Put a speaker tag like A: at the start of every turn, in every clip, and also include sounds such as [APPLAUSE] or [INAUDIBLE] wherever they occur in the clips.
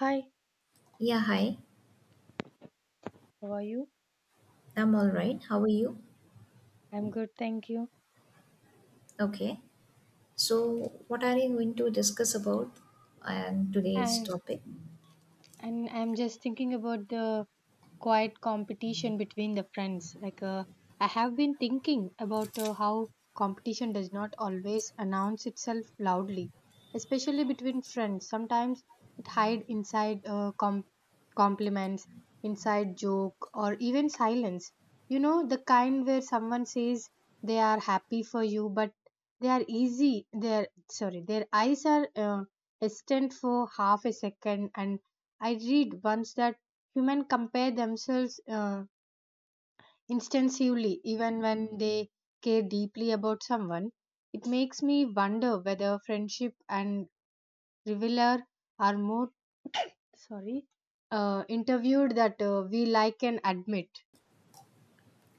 A: Hi,
B: Yeah, hi.
A: how are you?
B: I'm all right. How are you?
A: I'm good, thank you.
B: Okay. So, what are you going to discuss about today's
A: And
B: topic?
A: And I'm just thinking about the quiet competition between the friends. I have been thinking about how competition does not always announce itself loudly, especially between friends. Sometimes it hides inside compliments, inside joke, or even silence. You know, the kind where someone says they are happy for you, but they are easy. Their sorry, their eyes are extended for half a second and I read once that humans compare themselves instinctively even when they care deeply about someone. It makes me wonder whether friendship and reveler are more sorry interviewed that we like and admit.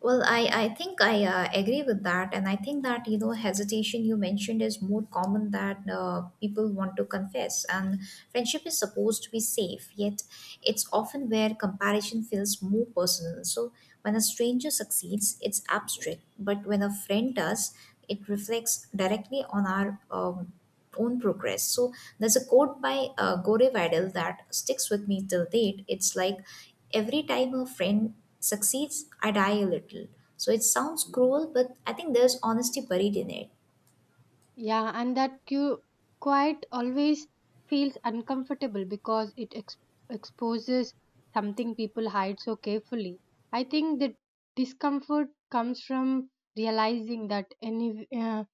B: Well, I think I agree with that. And I think that, you know, hesitation you mentioned is more common that people want to confess. And friendship is supposed to be safe, yet it's often where comparison feels more personal. So, when a stranger succeeds, it's abstract. But when a friend does, it reflects directly on our own progress. So there's a quote by Gore Vidal that sticks with me till date. It's like every time a friend succeeds, I die a little. So it sounds cruel, but I think there's honesty buried in it.
A: Yeah, quiet always feels uncomfortable because it exposes something people hide so carefully. I think the discomfort comes from realizing that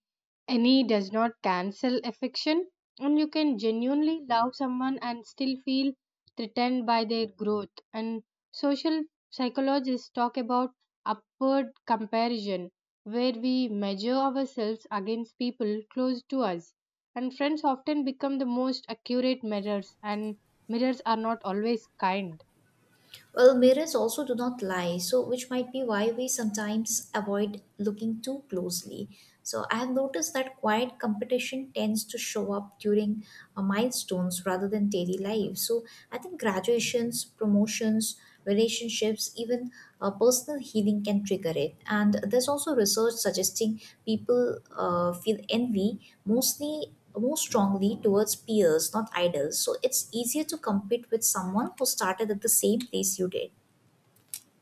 A: any does not cancel affection, and you can genuinely love someone and still feel threatened by their growth. And social psychologists talk about upward comparison, where we measure ourselves against people close to us, and friends often become the most accurate mirrors, and mirrors are not always kind.
B: Well, mirrors also do not lie, so which might be why we sometimes avoid looking too closely. So I have noticed that quiet competition tends to show up during milestones rather than daily life. So I think graduations, promotions, relationships, even personal healing can trigger it. And there's also research suggesting people feel envy mostly more strongly towards peers, not idols. So it's easier to compete with someone who started at the same place you did.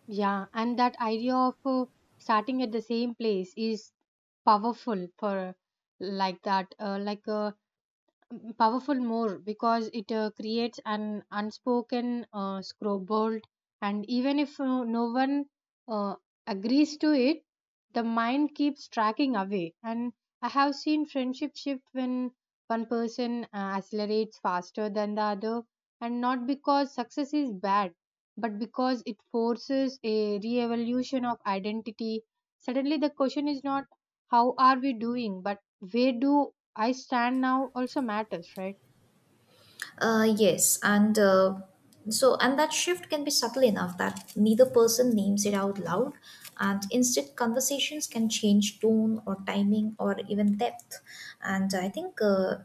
A: Yeah, and that idea of starting at the same place is powerful for like that like powerful more because it creates an unspoken scoreboard, and even if no one uh, agrees to it, the mind keeps tracking away. And I have seen friendship shift when one person accelerates faster than the other, and not because success is bad, but because it forces a re-evolution of identity. Suddenly the question is not how are we doing, but where do I stand now also matters, right?
B: Yes, and that shift can be subtle enough that neither person names it out loud, and instead conversations can change tone or timing or even depth. And I think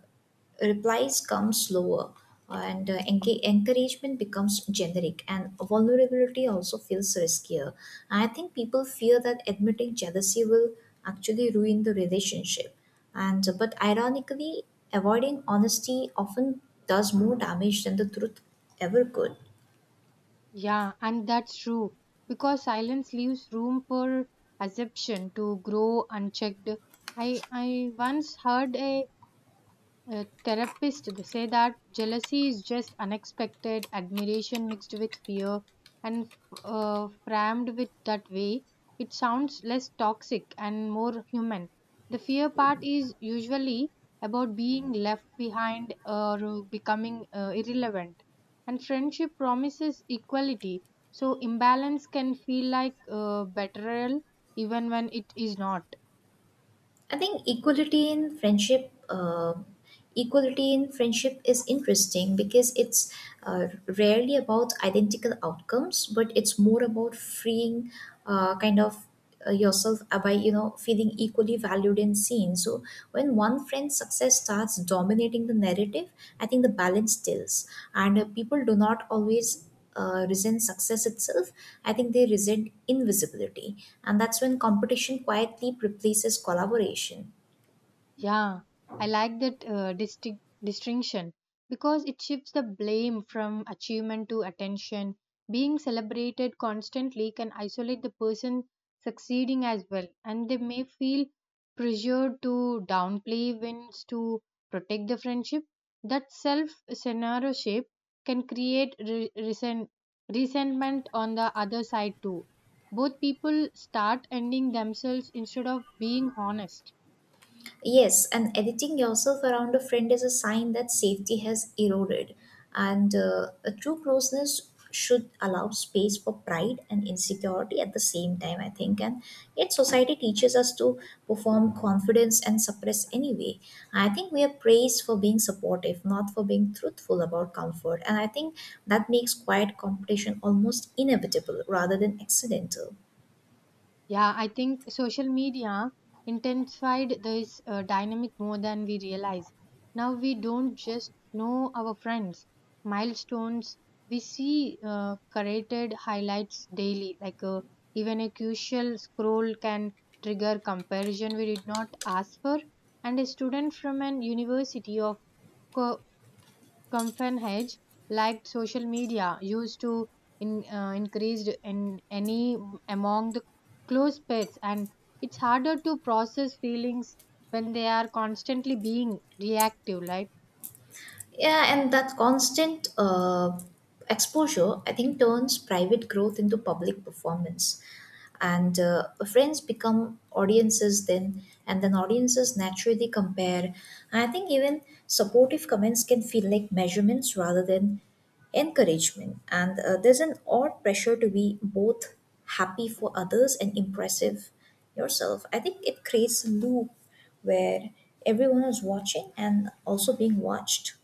B: replies come slower, and encouragement becomes generic, and vulnerability also feels riskier. And I think people fear that admitting jealousy will actually ruin the relationship. And but ironically, avoiding honesty often does more damage than the truth ever could.
A: Yeah, and that's true because silence leaves room for assumption to grow unchecked. I once heard a therapist they say that jealousy is just unexpected admiration mixed with fear, and framed with that way, it sounds less toxic and more human. The fear part is usually about being left behind or becoming irrelevant, and friendship promises equality, so imbalance can feel like betrayal even when it is not.
B: I think equality in friendship is interesting because it's uh, rarely about identical outcomes, but it's more about freeing, kind of yourself by you know feeling equally valued and seen. So when one friend's success starts dominating the narrative, I think the balance tilts, and people do not always resent success itself, I think they resent invisibility. And that's when competition quietly replaces collaboration.
A: Yeah, I like that distinction because it shifts the blame from achievement to attention. Being celebrated constantly can isolate the person succeeding as well, and they may feel pressured to downplay wins to protect the friendship. That self censorship can create resentment on the other side too. Both people start ending themselves instead of being honest.
B: Yes, and editing yourself around a friend is a sign that safety has eroded. And a true closeness should allow space for pride and insecurity at the same time, I think. And yet, society teaches us to perform confidence and suppress anyway. I think we are praised for being supportive, not for being truthful about comfort. And I think that makes quiet competition almost inevitable rather than accidental.
A: Yeah, I think social media intensified this dynamic more than we realize. Now we don't just know our friends, milestones. We see curated highlights daily. Even a crucial scroll can trigger comparison we did not ask for. And a student from an university of co- Copenhagen, like social media, used to increased in any among the close pets, and it's harder to process feelings when they are constantly being reactive, right?
B: Yeah, and that constant exposure, I think, turns private growth into public performance. And friends become audiences then, and then audiences naturally compare. And I think even supportive comments can feel like measurements rather than encouragement. And there's an odd pressure to be both happy for others and impressive yourself. I think it creates a loop where everyone is watching and also being watched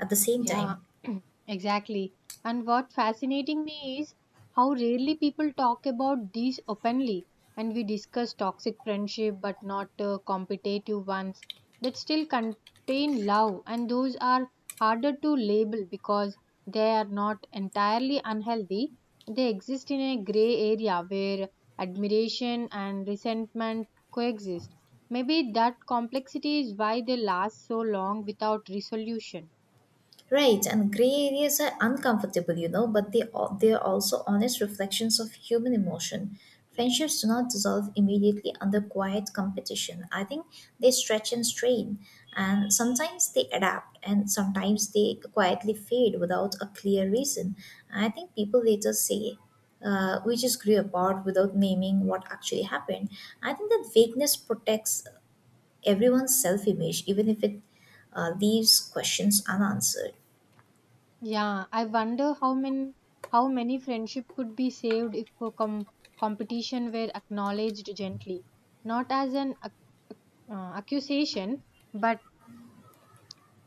B: at the same
A: Yeah,
B: time.
A: [CLEARS THROAT] exactly. And what fascinating me is how rarely people talk about these openly. And we discuss toxic friendship, but not competitive ones that still contain love. And those are harder to label because they are not entirely unhealthy. They exist in a gray area where admiration and resentment coexist. Maybe that complexity is why they last so long without resolution.
B: Right, and gray areas are uncomfortable, you know, but they are also honest reflections of human emotion. Friendships do not dissolve immediately under quiet competition. I think they stretch and strain, and sometimes they adapt, and sometimes they quietly fade without a clear reason. I think people later say, "We just grew apart without naming what actually happened." I think that vagueness protects everyone's self image, even if it leaves questions unanswered.
A: Yeah, I wonder how many friendship could be saved if a competition were acknowledged gently, not as an accusation, but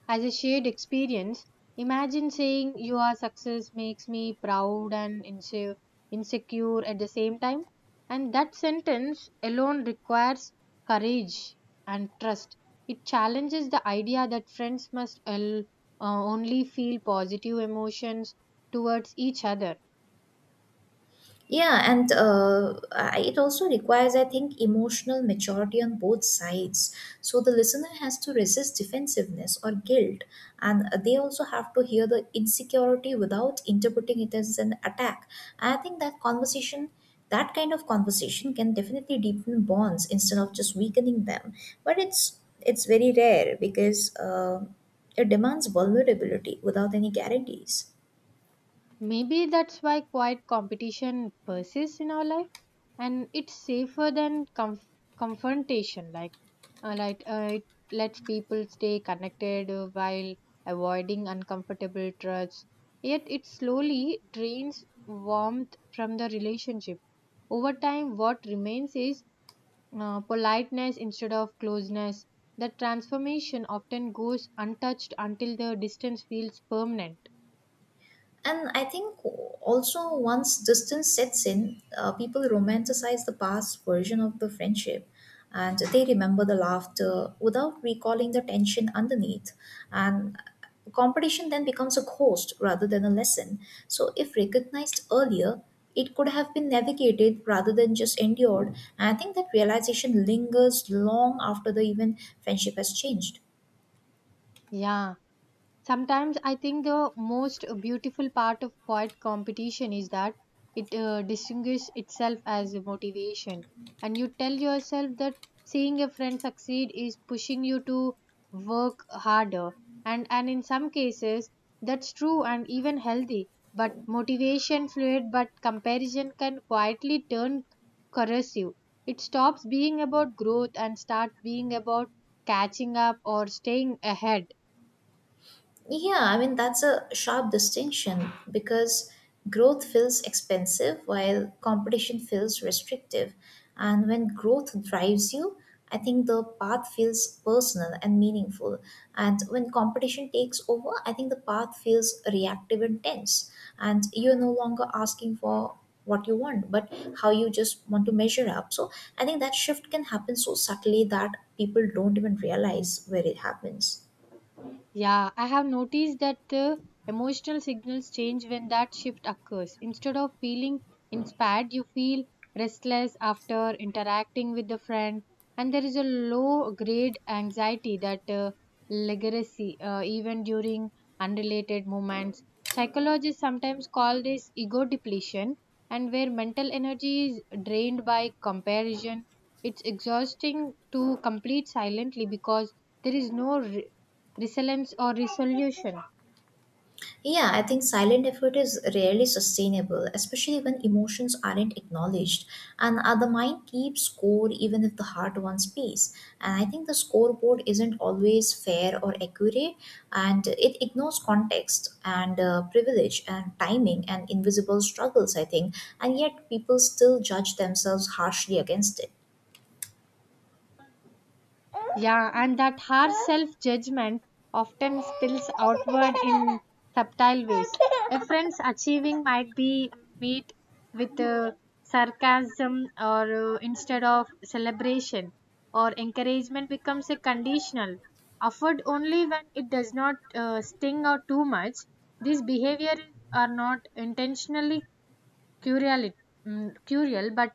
A: as a shared experience. Imagine saying your success makes me proud and insecure at the same time. And that sentence alone requires courage and trust. It challenges the idea that friends must only feel positive emotions towards each other.
B: Yeah, and it also requires, I think, emotional maturity on both sides. So the listener has to resist defensiveness or guilt, and they also have to hear the insecurity without interpreting it as an attack. I think that conversation, that kind of conversation, can definitely deepen bonds instead of just weakening them. But it's very rare because it demands vulnerability without any guarantees.
A: Maybe that's why quiet competition persists in our life, and it's safer than confrontation. It lets people stay connected while avoiding uncomfortable truths. Yet it slowly drains warmth from the relationship. Over time, what remains is politeness instead of closeness. That transformation often goes untouched until the distance feels permanent.
B: And I think also once distance sets in, people romanticize the past version of the friendship and they remember the laughter without recalling the tension underneath. And competition then becomes a cost rather than a lesson. So, if recognized earlier, it could have been navigated rather than just endured. And I think that realization lingers long after the even friendship has changed.
A: Yeah. Sometimes I think the most beautiful part of quiet competition is that it distinguishes itself as a motivation. And you tell yourself that seeing a friend succeed is pushing you to work harder. And in some cases, that's true and even healthy. But motivation fluid, but comparison can quietly turn corrosive. It stops being about growth and start being about catching up or staying ahead.
B: Yeah, I mean, that's a sharp distinction because growth feels expensive while competition feels restrictive. And when growth drives you, I think the path feels personal and meaningful. And when competition takes over, I think the path feels reactive and tense. And you're no longer asking for what you want, but how you just want to measure up. So I think that shift can happen so subtly that people don't even realize where it happens.
A: Yeah, I have noticed that the emotional signals change when that shift occurs. Instead of feeling inspired, you feel restless after interacting with the friend, and there is a low grade anxiety that legacy even during unrelated moments. Psychologists sometimes call this ego depletion, and where mental energy is drained by comparison, it's exhausting to complete silently because there is no resilience or resolution.
B: Yeah, I think silent effort is rarely sustainable, especially when emotions aren't acknowledged. And the mind keeps score even if the heart wants peace. And I think the scoreboard isn't always fair or accurate, and it ignores context and privilege and timing and invisible struggles, I think. And yet people still judge themselves harshly against it.
A: Yeah, and that harsh self judgment often spills outward in subtle ways. A friend's achieving might be met with sarcasm or instead of celebration, or encouragement becomes a conditional, offered only when it does not sting or too much. These behaviors are not intentionally curial, curial, but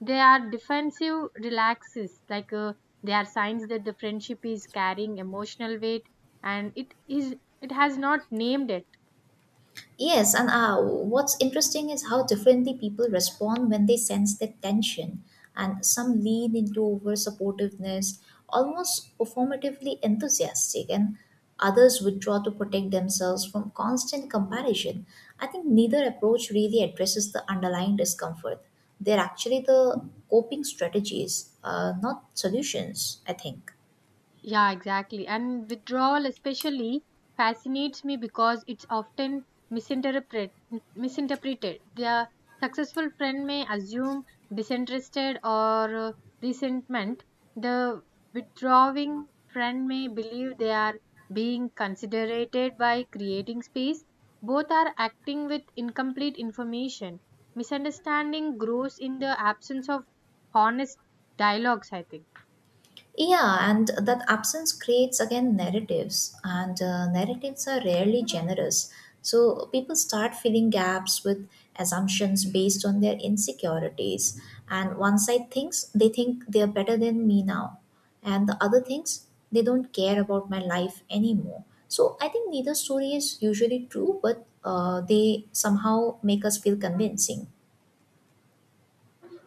A: they are defensive relaxes. They are signs that the friendship is carrying emotional weight and it has not named it.
B: Yes, and what's interesting is how differently people respond when they sense that tension. And some lean into over supportiveness, almost performatively enthusiastic, and others withdraw to protect themselves from constant comparison. I think neither approach really addresses the underlying discomfort. They're actually the coping strategies, not solutions, I think.
A: Yeah, exactly. And withdrawal especially fascinates me because it's often misinterpret, misinterpreted. The successful friend may assume disinterested or resentment. The withdrawing friend may believe they are being considered by creating space. Both are acting with incomplete information. Misunderstanding grows in the absence of honest dialogues, I think.
B: Yeah, and that absence creates again narratives, and narratives are rarely generous. So people start filling gaps with assumptions based on their insecurities. And one side think they are better than me now, and the other thinks they don't care about my life anymore. So I think neither story is usually true, but they somehow make us feel convincing.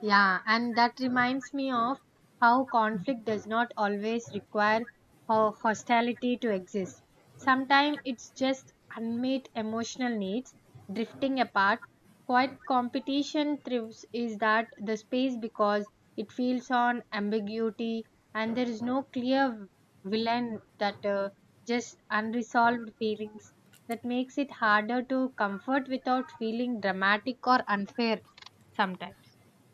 A: Yeah, and that reminds me of how conflict does not always require hostility to exist. Sometimes it's just unmet emotional needs drifting apart. Quiet competition thrives is that the space because it feels on ambiguity, and there is no clear villain that just unresolved feelings that makes it harder to comfort without feeling dramatic or unfair sometimes.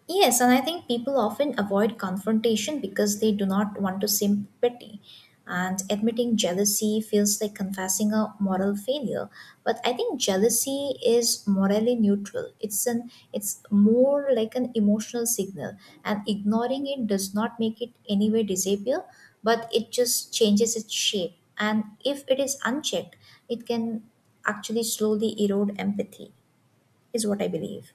B: Yes, and I think people often avoid confrontation because they do not want to seem petty. And admitting jealousy feels like confessing a moral failure. But I think jealousy is morally neutral. It's more like an emotional signal. And ignoring it does not make it anyway disappear, but it just changes its shape. And if it is unchecked, it can actually slowly erode empathy, is what I believe.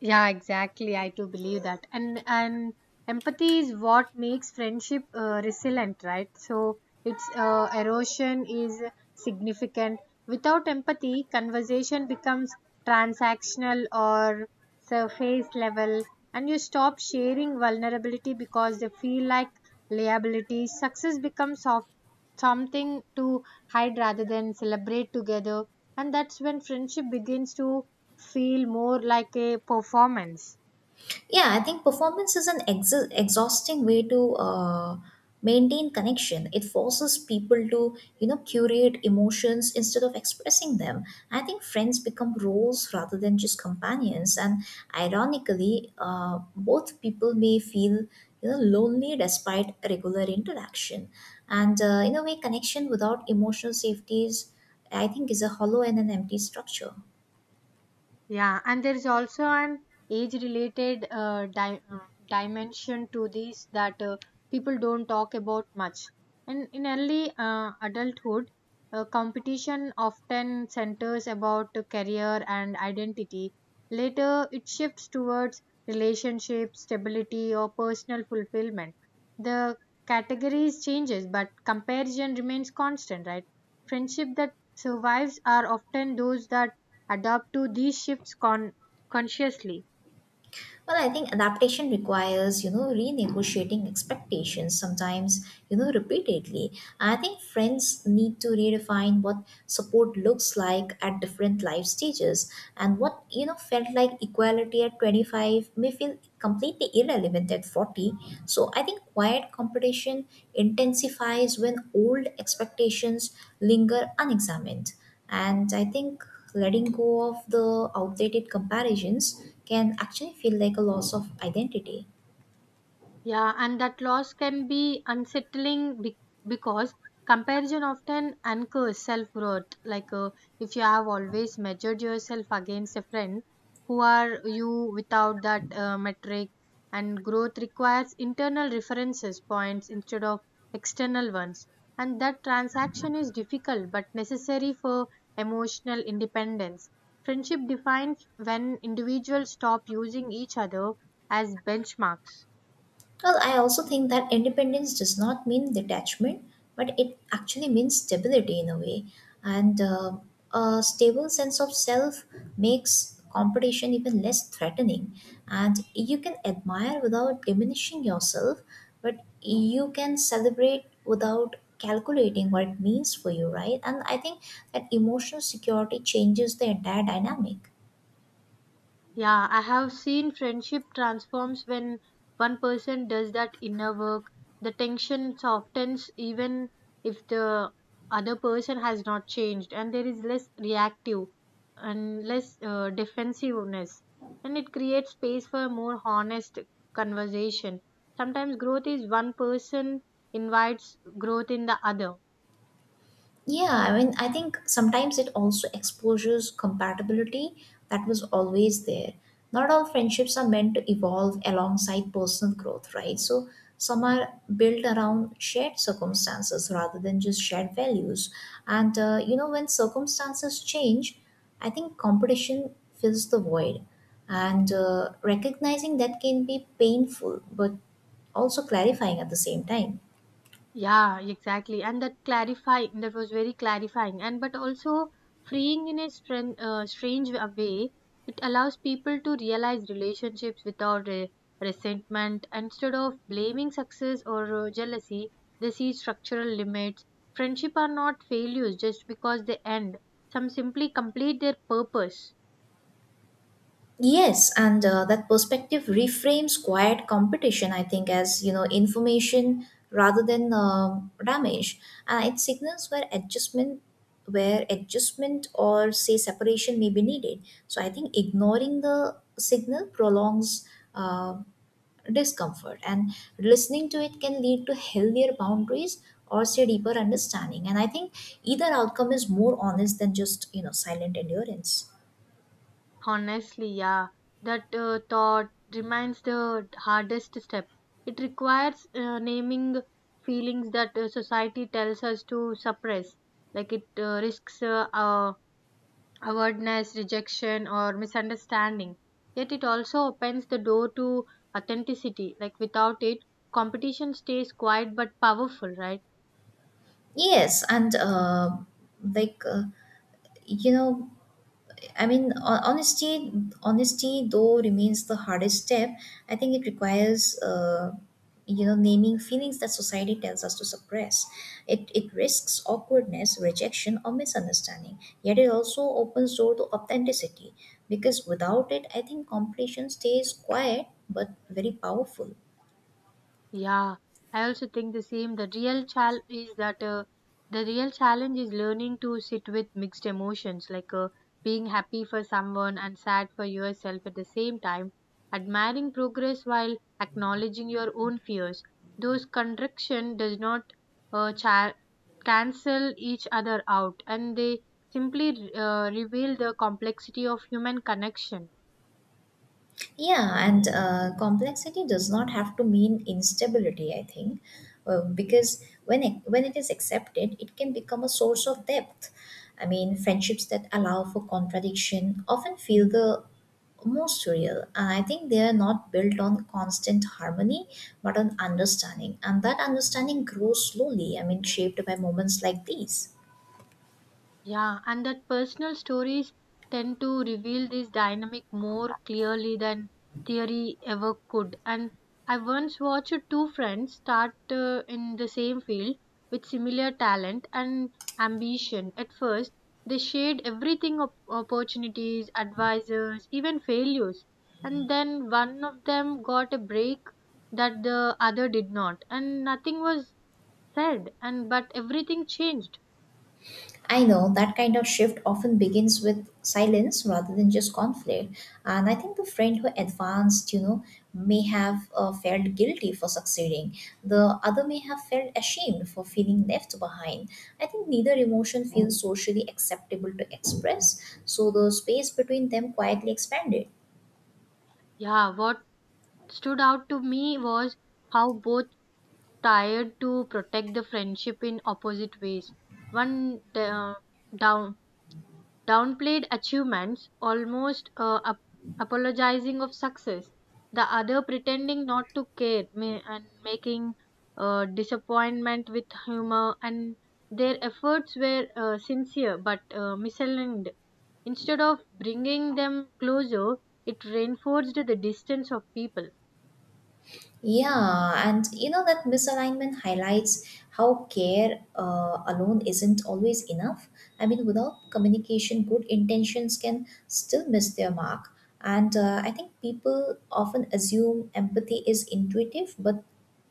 A: Yeah, exactly. I too believe that. And empathy is what makes friendship resilient, right? So its erosion is significant. Without empathy, conversation becomes transactional or surface level, and you stop sharing vulnerability because they feel like liability. Success becomes of something to hide rather than celebrate together, and that's when friendship begins to feel more like a performance.
B: Yeah, I think performance is an exhausting way to maintain connection. It forces people to, you know, curate emotions instead of expressing them. I think friends become roles rather than just companions. And ironically, both people may feel, you know, lonely despite regular interaction. And in a way, connection without emotional safety is, I think, is a hollow and an empty structure.
A: Yeah, and there is also an age-related dimension to this that people don't talk about much. And in early adulthood, competition often centers about the career and identity. Later, it shifts towards relationships, stability, or personal fulfillment. The categories changes, but comparison remains constant, right? Friendship that survives are often those that adapt to these shifts consciously.
B: Well, I think adaptation requires, you know, renegotiating expectations sometimes, you know, repeatedly. I think friends need to redefine what support looks like at different life stages and what, you know, felt like equality at 25 may feel completely irrelevant at 40. So I think quiet competition intensifies when old expectations linger unexamined. And I think letting go of the outdated comparisons can actually feel like a loss of identity.
A: Yeah, and that loss can be unsettling because comparison often anchors self worth. If you have always measured yourself against a friend, who are you without that metric? And growth requires internal references points instead of external ones. And that transaction is difficult but necessary for emotional independence. Friendship defines when individuals stop using each other as benchmarks.
B: Well, I also think that independence does not mean detachment, but it actually means stability in a way. And a stable sense of self makes competition even less threatening. And you can admire without diminishing yourself, but you can celebrate without calculating what it means for you, right? And I think that emotional security changes the entire dynamic.
A: Yeah, I have seen friendship transforms when one person does that inner work. The tension softens even if the other person has not changed, and there is less reactive and less defensiveness. And it creates space for more honest conversation. Sometimes growth is one person invites growth in the other.
B: Yeah, I mean, I think sometimes it also exposes compatibility that was always there. Not all friendships are meant to evolve alongside personal growth, right? So some are built around shared circumstances rather than just shared values. And, you know, when circumstances change, I think competition fills the void. And recognizing that can be painful, but also clarifying at the same time.
A: Yeah, exactly. And that clarifying, that was very clarifying. And but also freeing in a strange way, it allows people to realize relationships without re resentment. Instead of blaming success or jealousy, they see structural limits. Friendship are not failures just because they end. Some simply complete their purpose.
B: Yes, and that perspective reframes quiet competition, I think, as you know, information rather than damage, and it signals where adjustment or say separation may be needed. So I think ignoring the signal prolongs uh, discomfort, and listening to it can lead to healthier boundaries or say deeper understanding. And I think either outcome is more honest than just you know silent endurance.
A: Honestly, yeah, that thought remains the hardest step. It requires naming feelings that society tells us to suppress, like it risks awardness, rejection, or misunderstanding. Yet it also opens the door to authenticity. Like without it, competition stays quiet but powerful, right?
B: Yes, and like you know, I mean, ho- honesty, honesty though remains the hardest step. I think it requires you know naming feelings that society tells us to suppress. It risks awkwardness, rejection, or misunderstanding. Yet it also opens door to authenticity because without it, I think competition stays quiet but very powerful.
A: Yeah, I also think the same. The real challenge is learning to sit with mixed emotions, being happy for someone and sad for yourself at the same time, admiring progress while acknowledging your own fears. Those contraction does not uh, cha- cancel each other out, and they simply reveal the complexity of human connection.
B: Yeah, and complexity does not have to mean instability, I think, because when it is accepted, it can become a source of depth. I mean, friendships that allow for contradiction often feel the most real. And I think they are not built on constant harmony, but on understanding, and that understanding grows slowly. I mean, shaped by moments like these.
A: Yeah, and that personal stories tend to reveal this dynamic more clearly than theory ever could. And I once watched two friends start in the same field with similar talent and ambition. At first, they shared everything opportunities, advisors, even failures. And then one of them got a break that the other did not, and nothing was said, and but everything changed.
B: I know that kind of shift often begins with silence rather than just conflict. And I think the friend who advanced, you know, may have felt guilty for succeeding. The other may have felt ashamed for feeling left behind. I think neither emotion feels socially acceptable to express, so the space between them quietly expanded.
A: Yeah, what stood out to me was how both tried to protect the friendship in opposite ways. One down downplayed achievements, almost apologizing of success. The other pretending not to care and making disappointment with humor. And their efforts were sincere but misaligned. Instead of bringing them closer, it reinforced the distance of people.
B: Yeah, and you know that misalignment highlights how care alone isn't always enough. I mean, without communication, good intentions can still miss their mark. And I think people often assume empathy is intuitive, but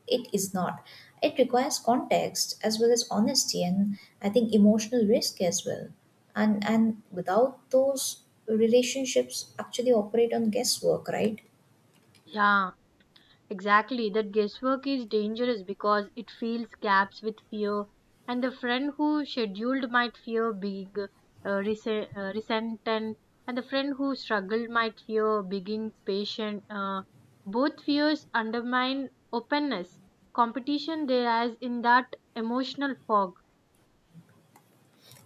B: it is not. It requires context as well as honesty and I think emotional risk as well. And without those relationships actually operate on guesswork, right?
A: Yeah, exactly, that guesswork is dangerous because it fills gaps with fear, and the friend who scheduled might fear big resentment, and the friend who struggled might fear being patient. Both fears undermine openness. Competition there is in that emotional fog.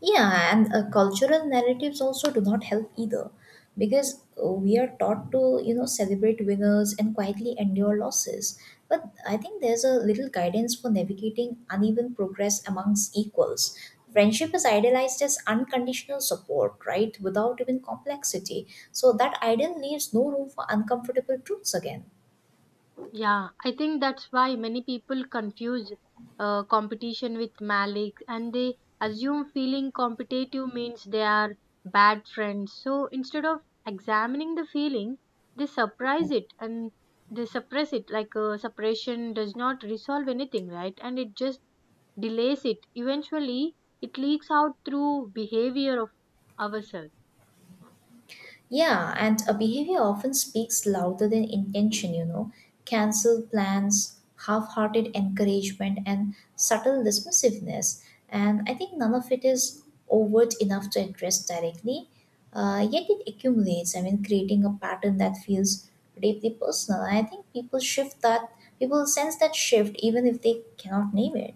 B: Yeah, and cultural narratives also do not help either because we are taught to, you know, celebrate winners and quietly endure losses. But I think there's a little guidance for navigating uneven progress amongst equals. Friendship is idealized as unconditional support, right? Without even complexity. So that ideal leaves no room for uncomfortable truths again.
A: Yeah, I think that's why many people confuse competition with malice and they assume feeling competitive means they are bad friends. So instead of examining the feeling, they suppress it and they suppress it. Suppression does not resolve anything, right? And it just delays it. Eventually, it leaks out through behavior of ourselves.
B: Yeah, and a behavior often speaks louder than intention, you know. Cancelled plans, half hearted encouragement, and subtle dismissiveness. And I think none of it is overt enough to address directly, yet it accumulates. I mean, creating a pattern that feels deeply personal. I think people shift that, People sense that shift even if they cannot name it.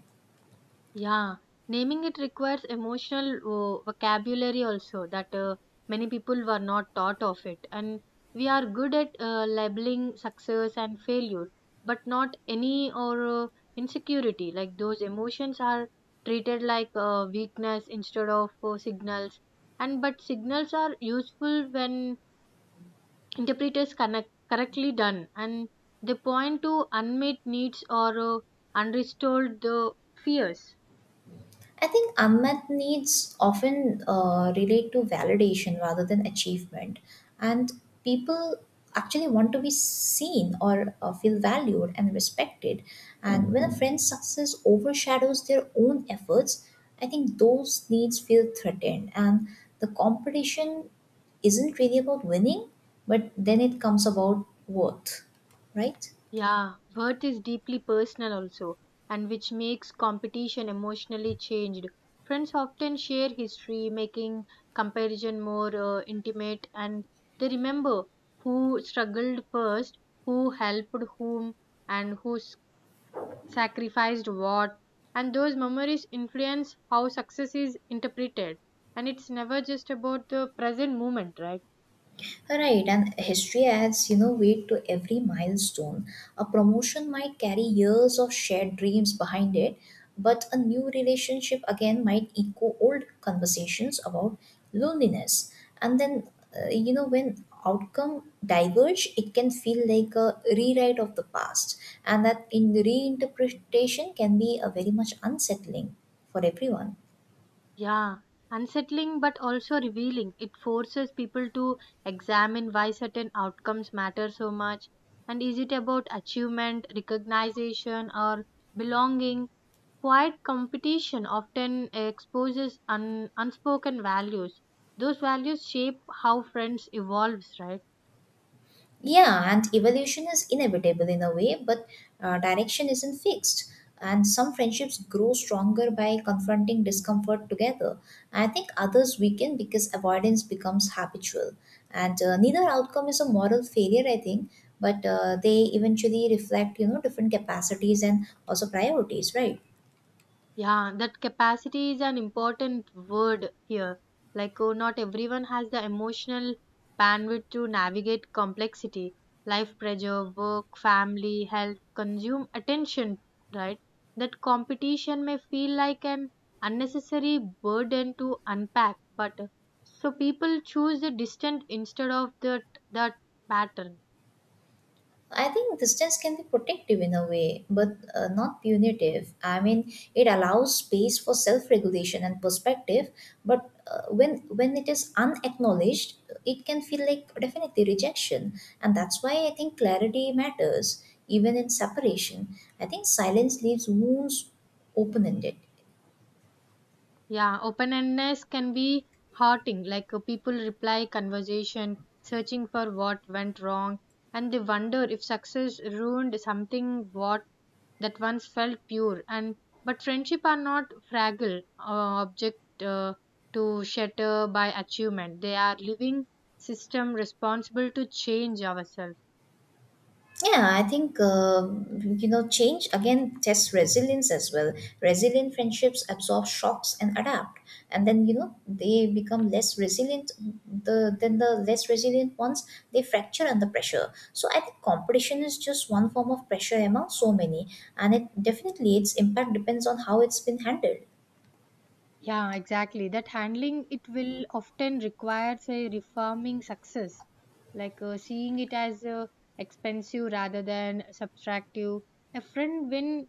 A: Yeah, naming it requires emotional vocabulary also that many people were not taught of it. And we are good at labeling success and failure, but not any or insecurity. Like those emotions are treated like weakness instead of signals. And but signals are useful when interpreters connect correctly done, and they point to unmet needs or unrestored fears.
B: I think unmet needs often relate to validation rather than achievement, and people actually want to be seen or feel valued and respected. And when a friend's success overshadows their own efforts, I think those needs feel threatened, and the competition isn't really about winning, but then it comes about worth, right?
A: Yeah, worth is deeply personal also, and which makes competition emotionally changed. Friends often share history, making comparison more intimate, and they remember who struggled first, who helped whom, and sacrificed what. And those memories influence how success is interpreted. And it's never just about the present moment, right?
B: Right, and history adds, you know, weight to every milestone. A promotion might carry years of shared dreams behind it, but a new relationship again might echo old conversations about loneliness. And then, you know, when outcome diverge, it can feel like a rewrite of the past, and that in reinterpretation can be a very much unsettling for everyone.
A: Yeah, unsettling but also revealing. It forces people to examine why certain outcomes matter so much. And is it about achievement, recognition, or belonging? Quiet competition often exposes unspoken values. Those values shape how friends evolves, right?
B: Yeah, and evolution is inevitable in a way, but direction isn't fixed. And some friendships grow stronger by confronting discomfort together. I think others weaken because avoidance becomes habitual. And neither outcome is a moral failure, I think, but they eventually reflect, you know, different capacities and also priorities, right?
A: Yeah, that capacity is an important word here. Like, oh, not everyone has the emotional bandwidth to navigate complexity, life pressure, work, family, health, consume attention, right? That competition may feel like an unnecessary burden to unpack, but so people choose the distant instead of that pattern.
B: I think distance can be protective in a way, but not punitive. I mean, it allows space for self-regulation and perspective, but when it is unacknowledged, it can feel like definitely rejection, and that's why I think clarity matters even in separation. I think silence leaves wounds open-ended.
A: Yeah, open-endedness can be hurting. People reply conversation, searching for what went wrong, and they wonder if success ruined something what that once felt pure. And but friendship are not fragile object to shatter by achievement. They are living system responsible to change ourselves.
B: Yeah, I think you know change again tests resilience as well. Resilient friendships absorb shocks and adapt, and then you know they become less resilient. The less resilient ones they fracture under pressure. So I think competition is just one form of pressure among so many, and it definitely its impact depends on how it's been handled.
A: Yeah, exactly. That handling it will often requires a reforming success, like seeing it as expensive rather than subtractive. A friend win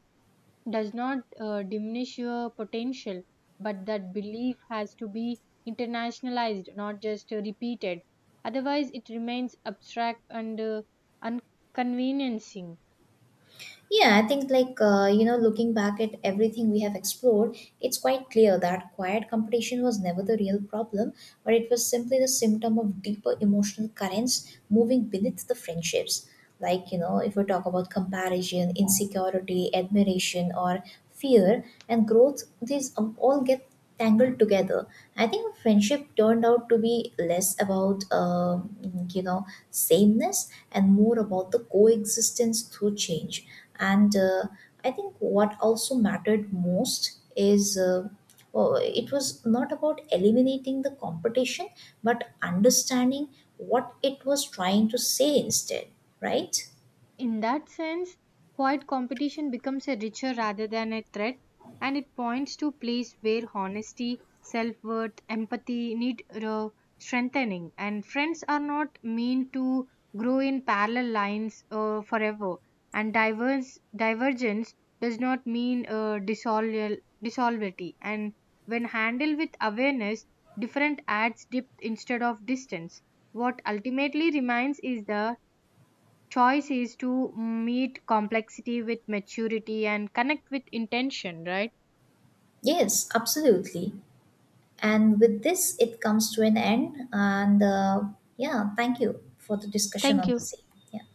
A: does not diminish your potential, but that belief has to be internationalized, not just repeated. Otherwise, it remains abstract and inconveniencing.
B: Yeah, I think like you know, looking back at everything we have explored, it's quite clear that quiet competition was never the real problem, but it was simply the symptom of deeper emotional currents moving beneath the friendships. Like you know, if we talk about comparison, insecurity, admiration, or fear and growth, these all get tangled together. I think our friendship turned out to be less about you know sameness and more about the coexistence through change and I think what also mattered most is oh, it was not about eliminating the competition but understanding what it was trying to say instead, right?
A: In that sense, quiet competition becomes a richer rather than a threat, and it points to place where honesty, self worth, empathy need strengthening. And friends are not mean to grow in parallel lines forever. And diverse divergence does not mean dissolvity. And when handled with awareness, different adds depth instead of distance. What ultimately remains is the choice is to meet complexity with maturity and connect with intention, right?
B: Yes, absolutely, and with this it comes to an end and yeah, thank you for the discussion
A: Thank
B: on the
A: you.
B: same. Yeah.